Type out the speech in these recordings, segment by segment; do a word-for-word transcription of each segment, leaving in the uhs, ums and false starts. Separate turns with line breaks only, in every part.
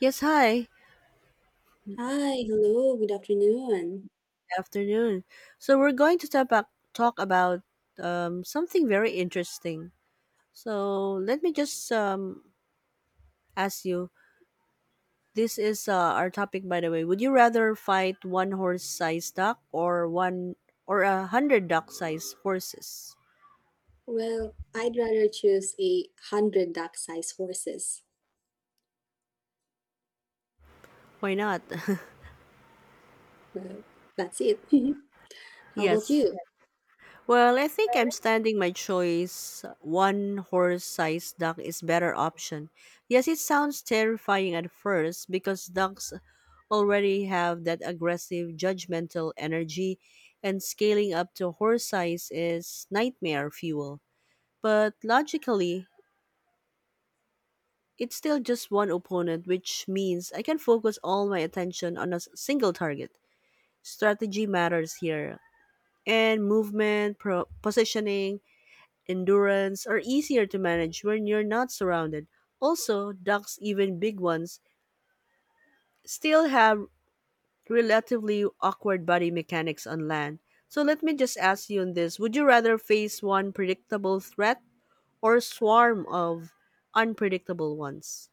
Yes, hi.
Hi, hello, good afternoon.
Afternoon. So we're going to talk about, talk about um, something very interesting. So let me just um, ask you. This is uh, our topic, by the way. Would you rather fight one horse-sized duck or one or a hundred duck-sized horses?
Well, I'd rather choose a hundred duck-sized horses.
Why not?
Well, that's it. How about
Yes.
you?
Well, I think I'm standing my choice. One horse-sized duck is better option. Yes, it sounds terrifying at first because ducks already have that aggressive, judgmental energy, and scaling up to horse size is nightmare fuel. But logically, it's still just one opponent, which means I can focus all my attention on a s- single target. Strategy matters here, and movement, pro- positioning, endurance are easier to manage when you're not surrounded. Also, ducks, even big ones, still have relatively awkward body mechanics on land. So let me just ask you on this. Would you rather face one predictable threat or a swarm of unpredictable ones?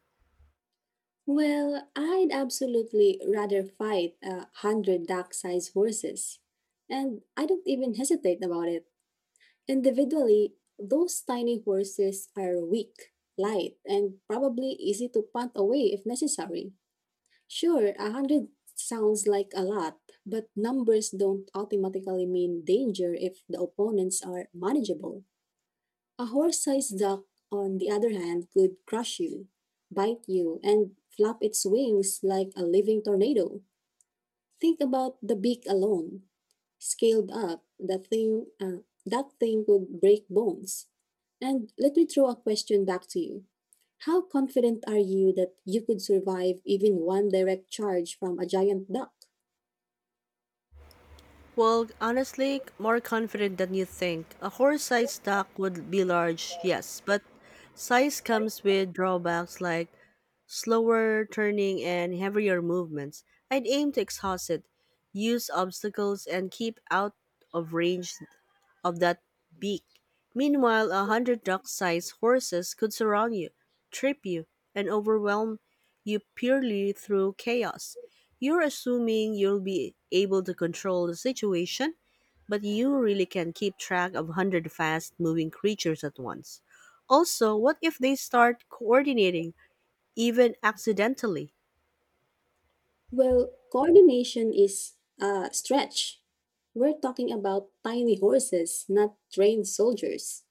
Well, I'd absolutely rather fight a hundred duck-sized horses. And I don't even hesitate about it. Individually, those tiny horses are weak, light, and probably easy to punt away if necessary. Sure, a hundred sounds like a lot, but numbers don't automatically mean danger if the opponents are manageable. A horse-sized duck, on the other hand, could crush you, bite you, and flap its wings like a living tornado. Think about the beak alone. Scaled up, that thing, uh, that thing would break bones. And let me throw a question back to you. How confident are you that you could survive even one direct charge from a giant duck?
Well, honestly, more confident than you think. A horse-sized duck would be large, yes, but size comes with drawbacks like slower turning and heavier movements. I'd aim to exhaust it, use obstacles, and keep out of range of that beak. Meanwhile, a hundred duck-sized horses could surround you, trip you, and overwhelm you purely through chaos. You're assuming you'll be able to control the situation, but you really can keep track of a hundred fast moving creatures at once. Also, what if they start coordinating even accidentally.
Well, coordination is a stretch. We're talking about tiny horses, not trained soldiers.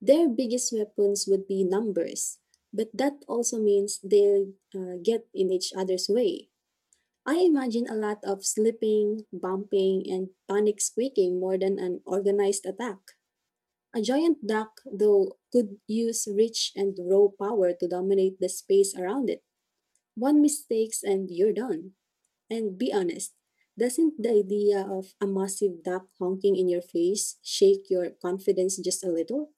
Their biggest weapons would be numbers, but that also means they'll uh, get in each other's way. I imagine a lot of slipping, bumping, and panic squeaking more than an organized attack. A giant duck, though, could use reach and row power to dominate the space around it. One mistake and you're done. And be honest, doesn't the idea of a massive duck honking in your face shake your confidence just a little?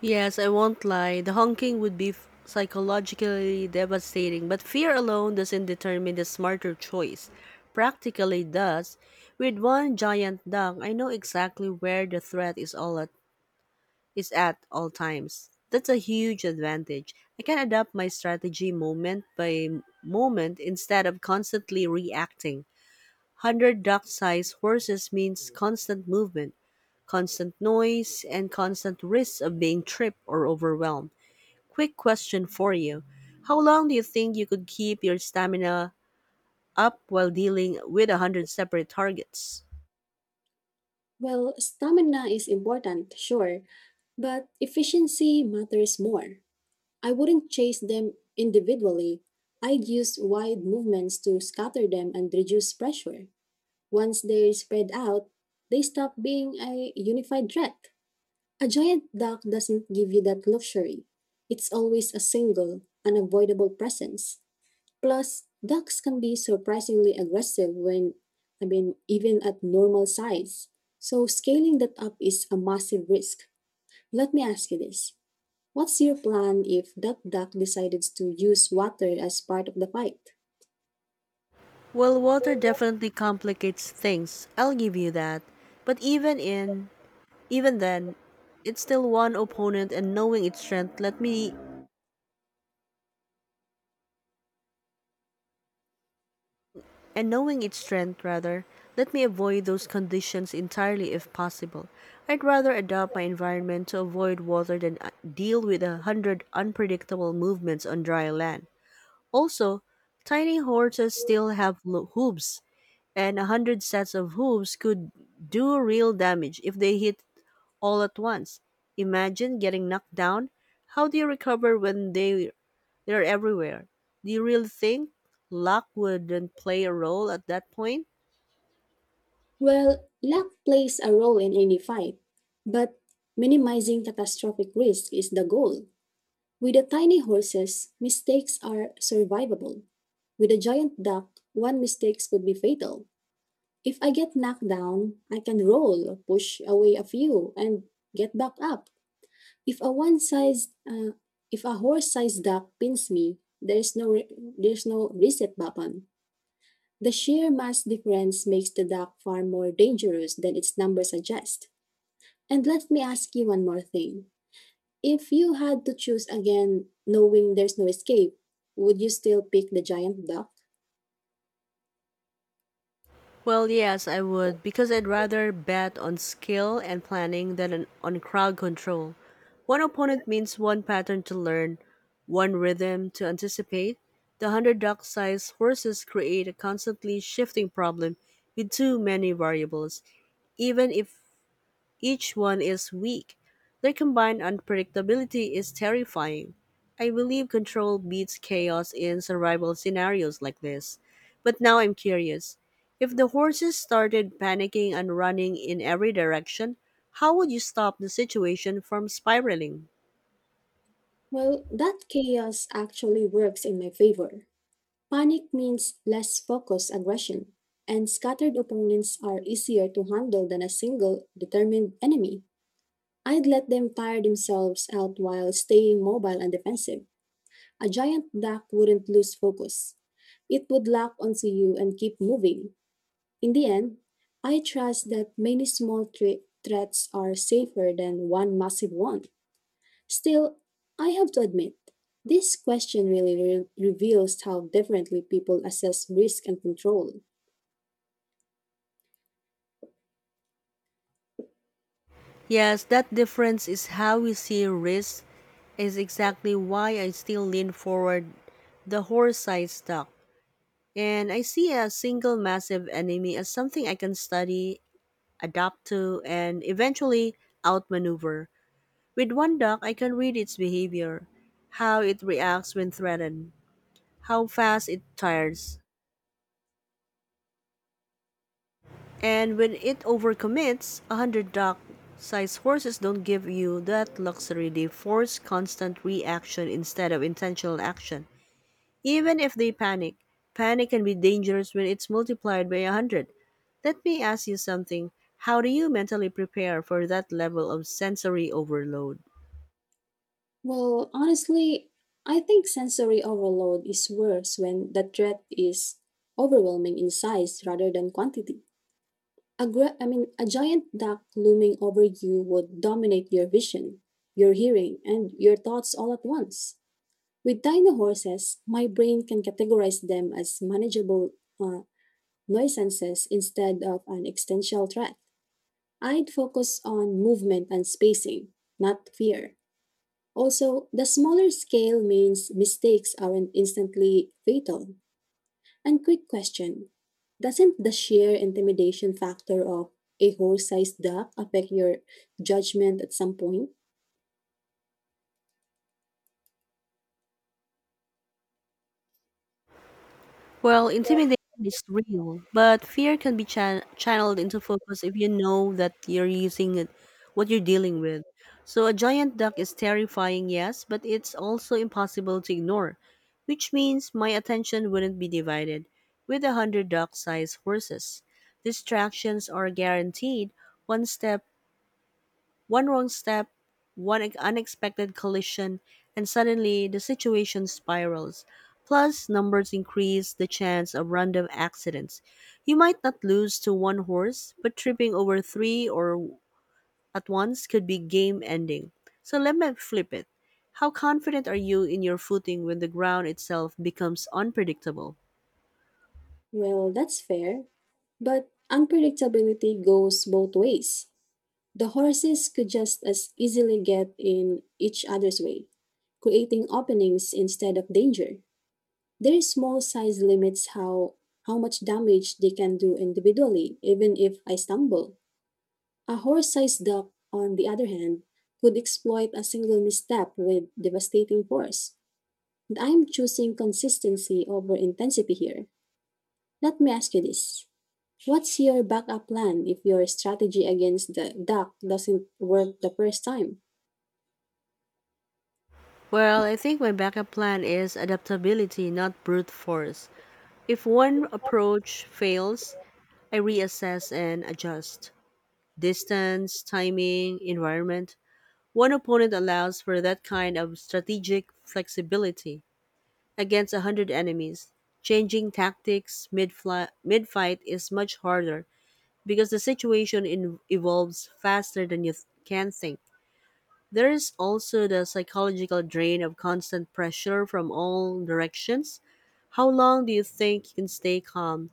Yes, I won't lie. The honking would be f- psychologically devastating, but fear alone doesn't determine the smarter choice. Practically does. With one giant duck, I know exactly where the threat is all at is at all times. That's a huge advantage. I can adapt my strategy moment by moment instead of constantly reacting. one hundred duck-sized horses means constant movement, constant noise, and constant risks of being tripped or overwhelmed. Quick question for you. How long do you think you could keep your stamina up while dealing with a hundred separate targets?
Well, stamina is important, sure, but efficiency matters more. I wouldn't chase them individually. I'd use wide movements to scatter them and reduce pressure. Once they're spread out, they stop being a unified threat. A giant duck doesn't give you that luxury. It's always a single, unavoidable presence. Plus, ducks can be surprisingly aggressive when, I mean, even at normal size. So, scaling that up is a massive risk. Let me ask you this. What's your plan if that duck decides to use water as part of the fight?
Well, water definitely complicates things. I'll give you that. But even in even then, it's still one opponent and knowing its strength let me And knowing its strength, rather, let me avoid those conditions entirely if possible. I'd rather adapt my environment to avoid water than uh, deal with a hundred unpredictable movements on dry land. Also, tiny horses still have lo- hooves, and a hundred sets of hooves could do real damage if they hit all at once. Imagine getting knocked down. How do you recover when they they're everywhere? Do you really think luck wouldn't play a role at that point?
Well, luck plays a role in any fight, but minimizing catastrophic risk is the goal. With the tiny horses, mistakes are survivable. With a giant duck, one mistake could be fatal. If I get knocked down, I can roll, push away a few, and get back up. If a one size, uh, if a horse-sized duck pins me, there's no re- there's no reset button. The sheer mass difference makes the duck far more dangerous than its number suggests. And let me ask you one more thing. If you had to choose again, knowing there's no escape, would you still pick the giant duck?
Well, yes, I would because I'd rather bet on skill and planning than on on crowd control. One opponent means one pattern to learn, one rhythm to anticipate. The hundred-duck sized horses create a constantly shifting problem with too many variables. Even if each one is weak. Their combined unpredictability is terrifying. I believe control beats chaos in survival scenarios like this. But now I'm curious. If the horses started panicking and running in every direction, how would you stop the situation from spiraling?
Well, that chaos actually works in my favor. Panic means less focused aggression, and scattered opponents are easier to handle than a single, determined enemy. I'd let them tire themselves out while staying mobile and defensive. A giant duck wouldn't lose focus. It would lock onto you and keep moving. In the end, I trust that many small thre- threats are safer than one massive one. Still, I have to admit, this question really re- reveals how differently people assess risk and control.
Yes, that difference is how we see risk is exactly why I still lean forward the horse-sized duck. And I see a single massive enemy as something I can study, adapt to, and eventually outmaneuver. With one duck, I can read its behavior, how it reacts when threatened, how fast it tires. And when it overcommits, a hundred duck sized horses don't give you that luxury. They force constant reaction instead of intentional action. Even if they panic, panic can be dangerous when it's multiplied by a hundred. Let me ask you something. How do you mentally prepare for that level of sensory overload?
Well, honestly, I think sensory overload is worse when the threat is overwhelming in size rather than quantity. A gra- I mean, a giant duck looming over you would dominate your vision, your hearing, and your thoughts all at once. With dino horses, my brain can categorize them as manageable uh, nuisances instead of an existential threat. I'd focus on movement and spacing, not fear. Also, the smaller scale means mistakes aren't instantly fatal. And quick question, doesn't the sheer intimidation factor of a horse-sized duck affect your judgment at some point?
Well, intimidation is real, but fear can be chan- channeled into focus if you know that you're using it, what you're dealing with. So, a giant duck is terrifying, yes, but it's also impossible to ignore, which means my attention wouldn't be divided with a hundred duck sized horses. Distractions are guaranteed. One step one wrong step, one ex- unexpected collision, and suddenly the situation spirals. Plus, numbers increase the chance of random accidents. You might not lose to one horse, but tripping over three or at once could be game ending. So let me flip it. How confident are you in your footing when the ground itself becomes unpredictable?
Well, that's fair, but unpredictability goes both ways. The horses could just as easily get in each other's way, creating openings instead of danger. Their small size limits how how much damage they can do individually, even if I stumble. A horse-sized duck, on the other hand, could exploit a single misstep with devastating force. And I'm choosing consistency over intensity here. Let me ask you this. What's your backup plan if your strategy against the duck doesn't work the first time?
Well, I think my backup plan is adaptability, not brute force. If one approach fails, I reassess and adjust. Distance, timing, environment. One opponent allows for that kind of strategic flexibility against a hundred enemies. Changing tactics mid fight is much harder because the situation in- evolves faster than you th- can think. There is also the psychological drain of constant pressure from all directions. How long do you think you can stay calm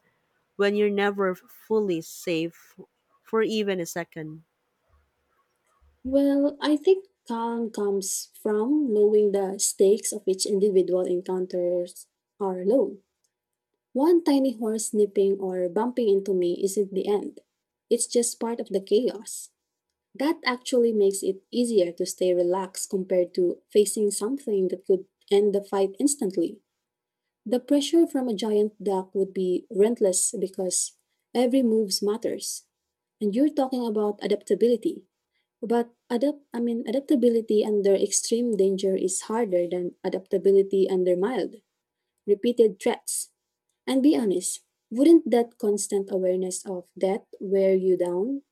when you're never fully safe for even a second?
Well, I think calm comes from knowing the stakes of each individual encounters are low. One tiny horse nipping or bumping into me isn't the end. It's just part of the chaos. That actually makes it easier to stay relaxed compared to facing something that could end the fight instantly. The pressure from a giant duck would be relentless because every move matters. And you're talking about adaptability. But adapt I mean adaptability under extreme danger is harder than adaptability under mild, repeated threats. And be honest, wouldn't that constant awareness of death wear you down?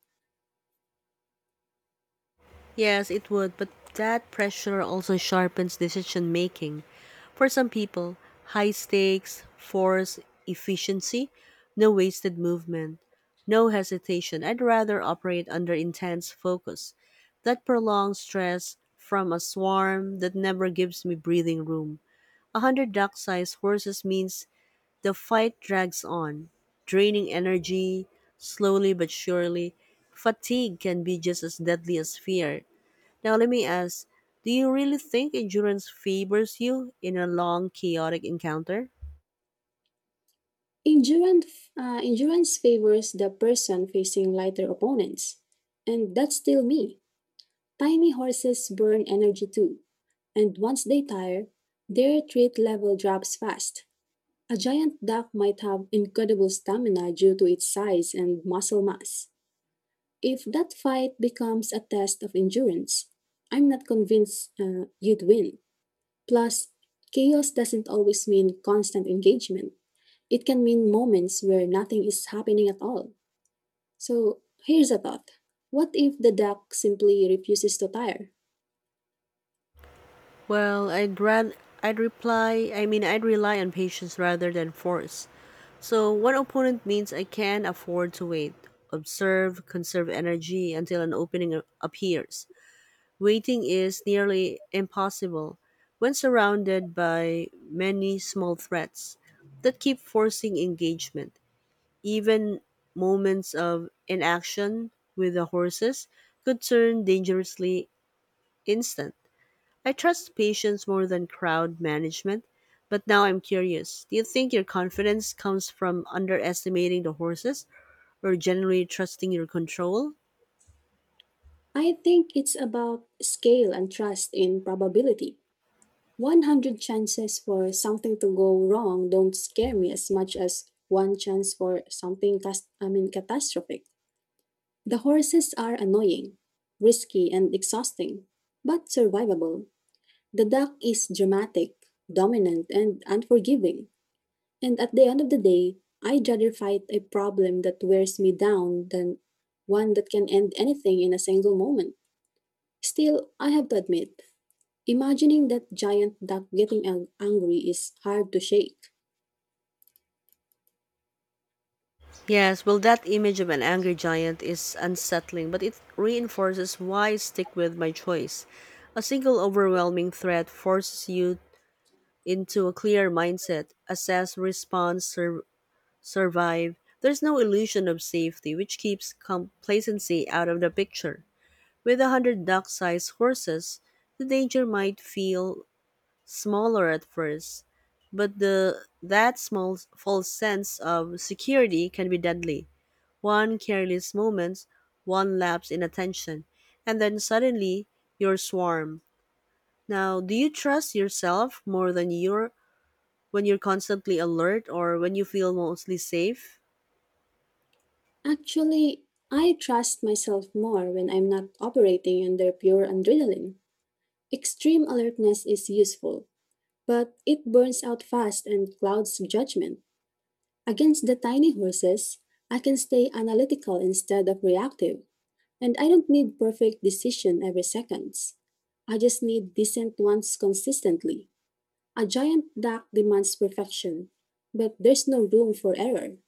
Yes, it would, but that pressure also sharpens decision making. For some people, high stakes force efficiency, no wasted movement, no hesitation. I'd rather operate under intense focus. That prolonged stress from a swarm that never gives me breathing room. A hundred duck sized horses means the fight drags on, draining energy slowly but surely. Fatigue can be just as deadly as fear. Now, let me ask, do you really think endurance favors you in a long, chaotic encounter?
Endurance, uh, endurance favors the person facing lighter opponents. And that's still me. Tiny horses burn energy too. And once they tire, their threat level drops fast. A giant duck might have incredible stamina due to its size and muscle mass. If that fight becomes a test of endurance, I'm not convinced uh, you'd win. Plus, chaos doesn't always mean constant engagement, it can mean moments where nothing is happening at all. So, here's a thought. What if the duck simply refuses to tire?
Well, I'd rather I'd reply. I mean, I'd rely on patience rather than force. So one opponent means I can afford to wait, observe, conserve energy until an opening a- appears. Waiting is nearly impossible when surrounded by many small threats that keep forcing engagement. Even moments of inaction with the horses could turn dangerously instant. I trust patience more than crowd management, but now I'm curious. Do you think your confidence comes from underestimating the horses or generally trusting your control?
I think it's about scale and trust in probability. one hundred chances for something to go wrong don't scare me as much as one chance for something cas- I mean catastrophic. The horses are annoying, risky, and exhausting, but survivable. The duck is dramatic, dominant, and unforgiving. And at the end of the day, I'd rather fight a problem that wears me down than one that can end anything in a single moment. Still, I have to admit, imagining that giant duck getting ang- angry is hard to shake.
Yes, well, that image of an angry giant is unsettling, but it reinforces why I stick with my choice. A single overwhelming threat forces you into a clear mindset: assess, respond, sur- survive. There's no illusion of safety, which keeps complacency out of the picture. With a hundred duck sized horses, the danger might feel smaller at first, but the that small false sense of security can be deadly. One careless moment, one lapse in attention, and then suddenly you're swarmed. Now, do you trust yourself more than you're when you're constantly alert or when you feel mostly safe?
Actually, I trust myself more when I'm not operating under pure adrenaline. Extreme alertness is useful, but it burns out fast and clouds judgment. Against the tiny horses, I can stay analytical instead of reactive, and I don't need perfect decision every seconds. I just need decent ones consistently. A giant duck demands perfection, but there's no room for error.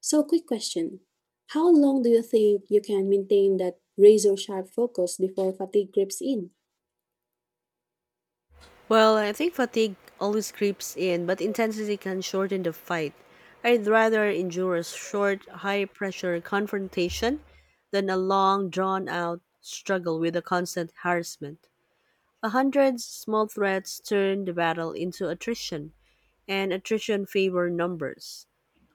So, quick question. How long do you think you can maintain that razor sharp focus before fatigue creeps in?
Well, I think fatigue always creeps in, but intensity can shorten the fight. I'd rather endure a short, high pressure confrontation than a long, drawn out struggle with a constant harassment. A hundred small threats turn the battle into attrition, and attrition favor numbers.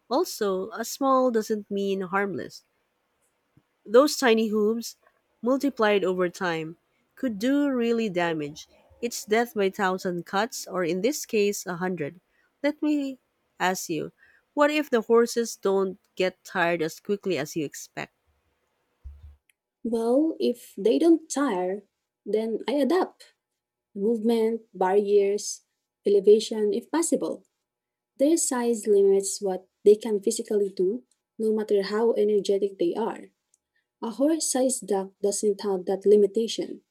Also, a small doesn't mean harmless. Those tiny hooves, multiplied over time, could do really damage. It's death by thousand cuts, or in this case, a hundred. Let me ask you, what if the horses don't get tired as quickly as you expect?
Well, if they don't tire, then I adapt. Movement, barriers, elevation, if possible. Their size limits what they can physically do, no matter how energetic they are. A horse sized duck doesn't have that limitation.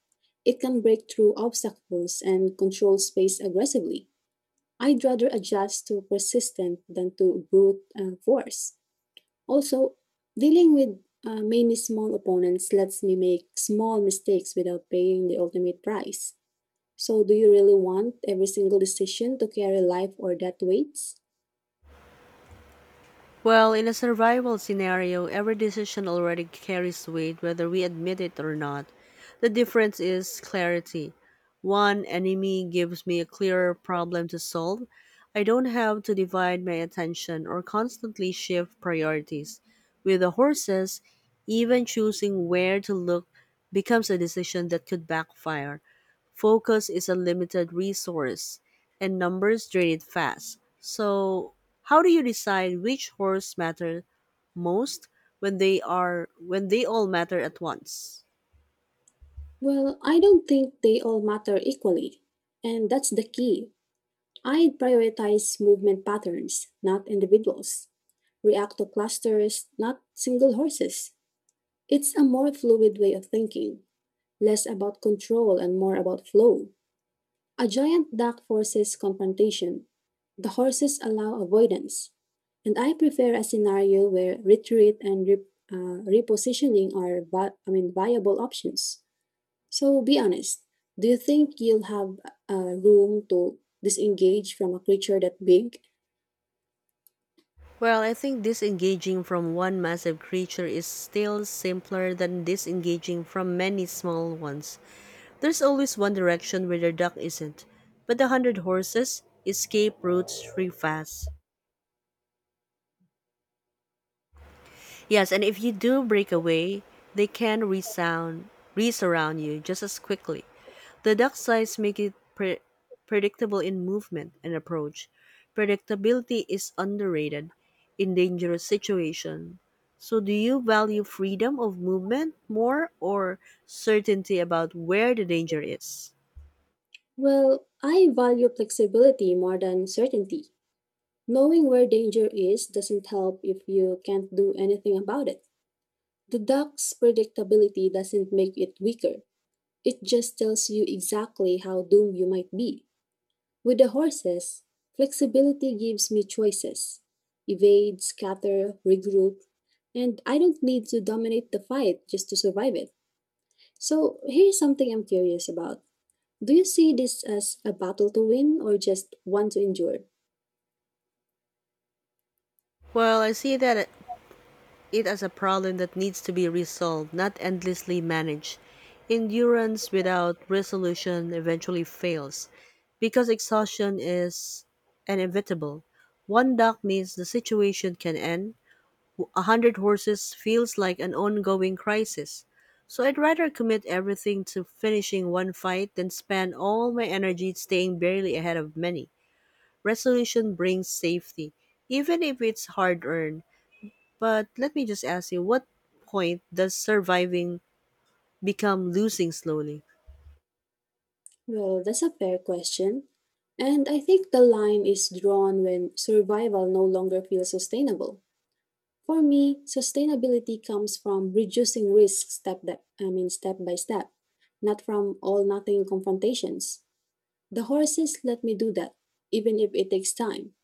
It can break through obstacles and control space aggressively. I'd rather adjust to persistence than to brute uh, force. Also, dealing with uh, many small opponents lets me make small mistakes without paying the ultimate price. So, do you really want every single decision to carry life or death weights?
Well, in a survival scenario, every decision already carries weight whether we admit it or not. The difference is clarity. One enemy gives me a clearer problem to solve. I don't have to divide my attention or constantly shift priorities. With the horses, even choosing where to look becomes a decision that could backfire. Focus is a limited resource, and numbers drain it fast. So, how do you decide which horse matter most when they are when they all matter at once?
Well, I don't think they all matter equally. And that's the key. I prioritize movement patterns, not individuals. React to clusters, not single horses. It's a more fluid way of thinking, less about control and more about flow. A giant duck forces confrontation. The horses allow avoidance. And I prefer a scenario where retreat and re- uh, repositioning are vi- I mean, viable options. So be honest. Do you think you'll have uh, room to disengage from a creature that big?
Well, I think disengaging from one massive creature is still simpler than disengaging from many small ones. There's always one direction where the duck isn't, but the hundred horses escape routes free fast. Yes, and if you do break away, they can resound, resurround you just as quickly. The duck size make it pre- predictable in movement and approach. Predictability is underrated in dangerous situation. So do you value freedom of movement more or certainty about where the danger is?
Well, I value flexibility more than certainty. Knowing where danger is doesn't help if you can't do anything about it. The duck's predictability doesn't make it weaker, it just tells you exactly how doomed you might be. With the horses, flexibility gives me choices: evade, scatter, regroup, and I don't need to dominate the fight just to survive it. So here's something I'm curious about. Do you see this as a battle to win or just one to endure?
Well, I see that it as a problem that needs to be resolved, not endlessly managed. Endurance without resolution eventually fails because exhaustion is inevitable. One duck means the situation can end. A hundred horses feels like an ongoing crisis. So I'd rather commit everything to finishing one fight than spend all my energy staying barely ahead of many. Resolution brings safety, even if it's hard earned. But let me just ask you, what point does surviving become losing slowly?
Well, that's a fair question. And I think the line is drawn when survival no longer feels sustainable. For me, sustainability comes from reducing risk step that, I mean step by step, not from all nothing confrontations. The horses let me do that, even if it takes time.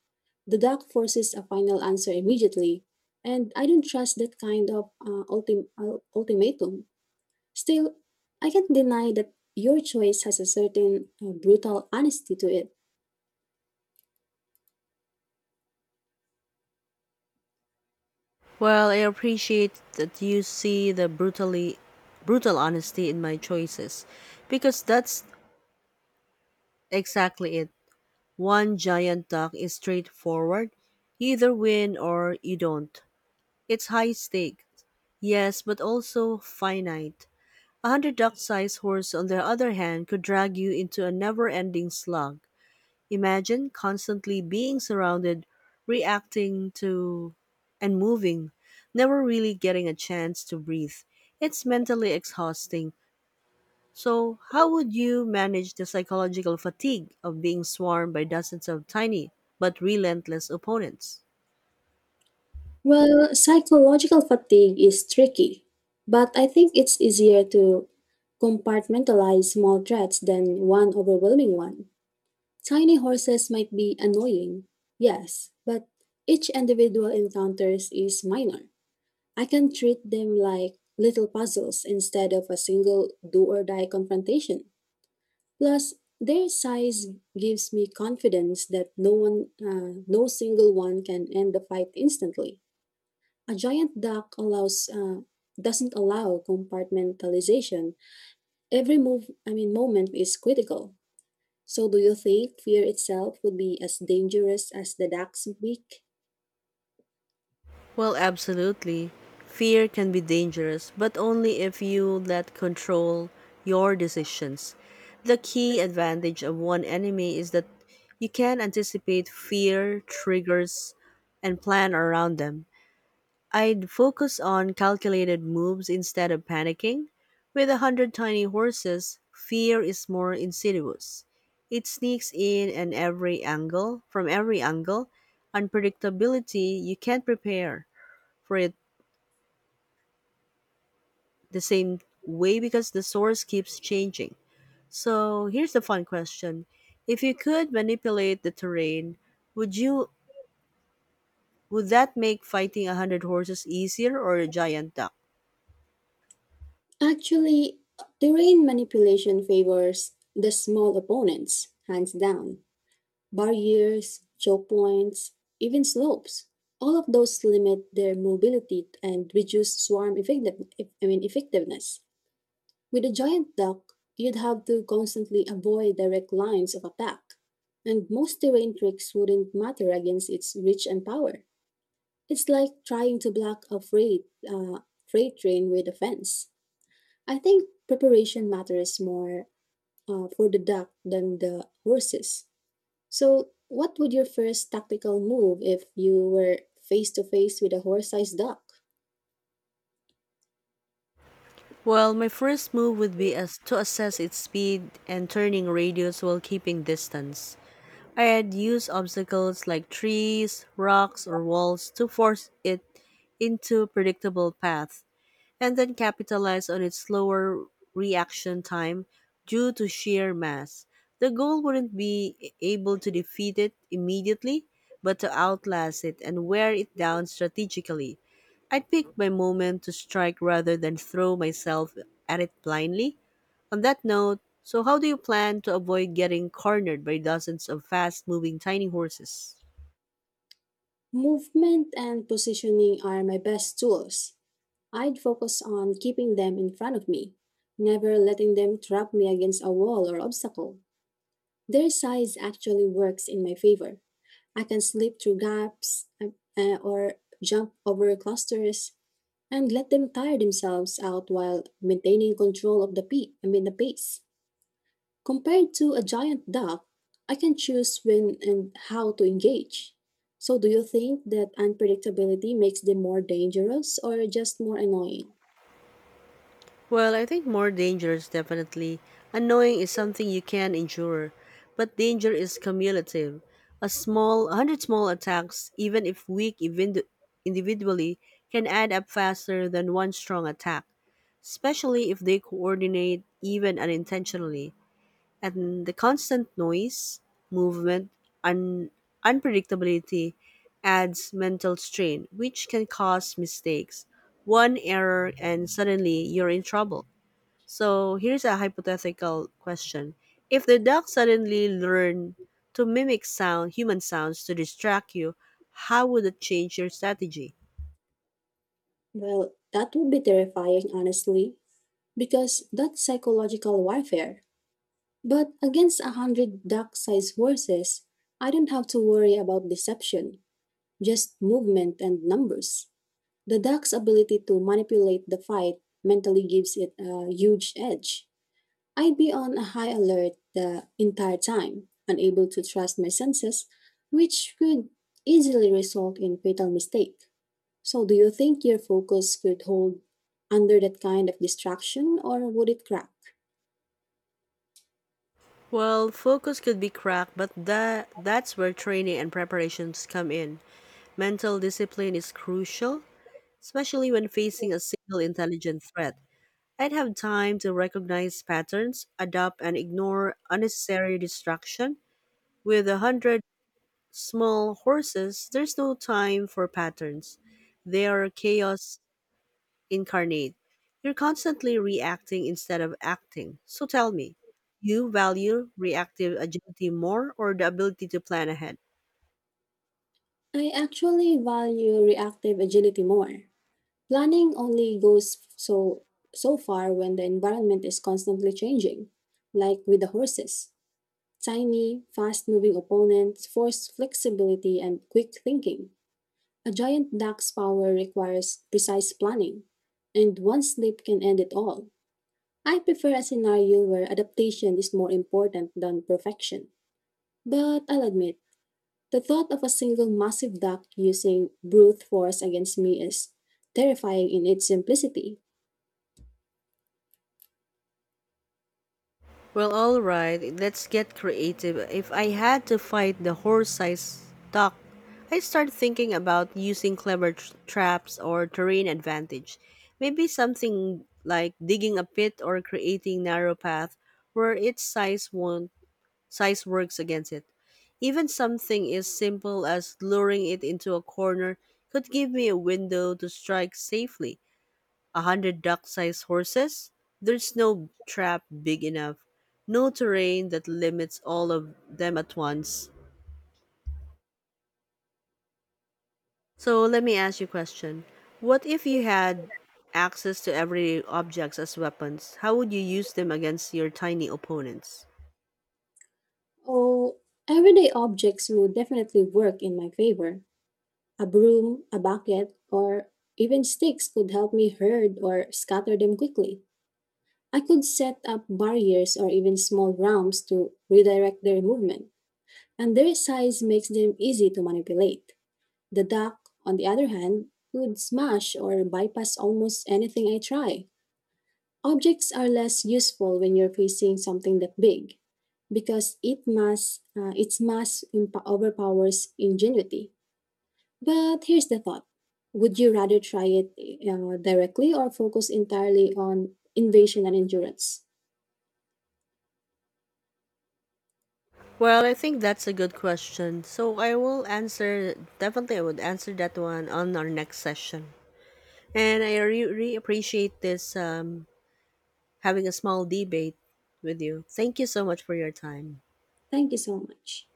The duck forces a final answer immediately, and I don't trust that kind of uh, ultim- uh, ultimatum. Still, I can't deny that your choice has a certain uh, brutal honesty to it.
Well, I appreciate that you see the brutally brutal honesty in my choices because that's exactly it. One giant duck is straightforward. You either win or you don't. It's high stake. Yes, but also finite. A hundred duck sized horse, on the other hand, could drag you into a never ending slug. Imagine constantly being surrounded, reacting to and moving, never really getting a chance to breathe. It's mentally exhausting. So, how would you manage the psychological fatigue of being swarmed by dozens of tiny but relentless opponents?
Well, psychological fatigue is tricky, but I think it's easier to compartmentalize small threats than one overwhelming one. Tiny horses might be annoying, yes, but each individual encounters is minor. I can treat them like little puzzles instead of a single do or die confrontation. Plus, their size gives me confidence that no one, uh, no single one can end the fight instantly. A giant duck allows, uh, doesn't allow compartmentalization. Every move, I mean, moment is critical. So, do you think fear itself would be as dangerous as the duck's beak?
Well, absolutely. Fear can be dangerous, but only if you let control your decisions. The key advantage of one enemy is that you can anticipate fear triggers and plan around them. I'd focus on calculated moves instead of panicking. With a hundred tiny horses, fear is more insidious. It sneaks in and every angle, from every angle, unpredictability you can't prepare for it the same way because the source keeps changing. So here's the fun question. If you could manipulate the terrain, would you would that make fighting a hundred horses easier or a giant duck?
Actually, terrain manipulation favors the small opponents, hands down. Barriers, choke points, even slopes. All of those limit their mobility and reduce swarm effective, I mean, effectiveness. With a giant duck, you'd have to constantly avoid direct lines of attack. And most terrain tricks wouldn't matter against its reach and power. It's like trying to block a freight, uh, freight train with a fence. I think preparation matters more uh, for the duck than the horses. So, what would your first tactical move if you were face to face with a horse-sized duck?
Well, my first move would be as to assess its speed and turning radius while keeping distance. I'd use obstacles like trees, rocks, or walls to force it into predictable paths and then capitalize on its slower reaction time due to sheer mass. The goal wouldn't be able to defeat it immediately, but to outlast it and wear it down strategically. I'd pick my moment to strike rather than throw myself at it blindly. On that note, so how do you plan to avoid getting cornered by dozens of fast moving tiny horses?
Movement and positioning are my best tools. I'd focus on keeping them in front of me, never letting them trap me against a wall or obstacle. Their size actually works in my favor. I can slip through gaps uh, uh, or jump over clusters and let them tire themselves out while maintaining control of the peak, I mean the pace. Compared to a giant duck, I can choose when and how to engage. So, do you think that unpredictability makes them more dangerous or just more annoying?
Well, I think more dangerous. Definitely annoying is something you can endure, but danger is cumulative. A small, a hundred small attacks, even if weak even individually, can add up faster than one strong attack, especially if they coordinate even unintentionally. And the constant noise, movement, and unpredictability adds mental strain, which can cause mistakes. One error, and suddenly you're in trouble. So here's a hypothetical question. If the dog suddenly learned to mimic sound, human sounds to distract you, how would it change your strategy?
Well, that would be terrifying, honestly, because that's psychological warfare. But against a hundred duck sized horses, I don't have to worry about deception, just movement and numbers. The duck's ability to manipulate the fight mentally gives it a huge edge. I'd be on a high alert the entire time, unable to trust my senses, which could easily result in fatal mistake. So do you think your focus could hold under that kind of distraction or would it crack?
Well, focus could be cracked, but that that's where training and preparations come in. Mental discipline is crucial, especially when facing a single intelligent threat. I'd have time to recognize patterns, adapt and ignore unnecessary distraction. With a hundred small horses, there's no time for patterns. They are chaos incarnate. You're constantly reacting instead of acting. So tell me, you value reactive agility more or the ability to plan ahead?
I actually value reactive agility more. Planning only goes so so far when the environment is constantly changing, like with the horses. Tiny, fast-moving opponents force flexibility and quick thinking. A giant duck's power requires precise planning, and one slip can end it all. I prefer a scenario where adaptation is more important than perfection. But I'll admit, the thought of a single massive duck using brute force against me is terrifying in its simplicity.
Well, all right, let's get creative. If I had to fight the horse-sized duck, I'd start thinking about using clever tr- traps or terrain advantage. Maybe something like digging a pit or creating narrow path where its size won't size works against it. Even something as simple as luring it into a corner could give me a window to strike safely. A hundred duck-sized horses? There's no trap big enough, no terrain that limits all of them at once. So let me ask you a question. What if you had access to everyday objects as weapons? How would you use them against your tiny opponents?
Oh, everyday objects would definitely work in my favor. A broom, a bucket, or even sticks could help me herd or scatter them quickly. I could set up barriers or even small ramps to redirect their movement, and their size makes them easy to manipulate. The duck, on the other hand, could smash or bypass almost anything I try. Objects are less useful when you're facing something that big because it mass, uh, its mass imp- overpowers ingenuity. But here's the thought. Would you rather try it uh, directly or focus entirely on invasion and endurance?
Well, I think that's a good question. So I will answer, definitely, I would answer that one on our next session. And I re- re- appreciate this um, having a small debate with you. Thank you so much for your time.
Thank you so much.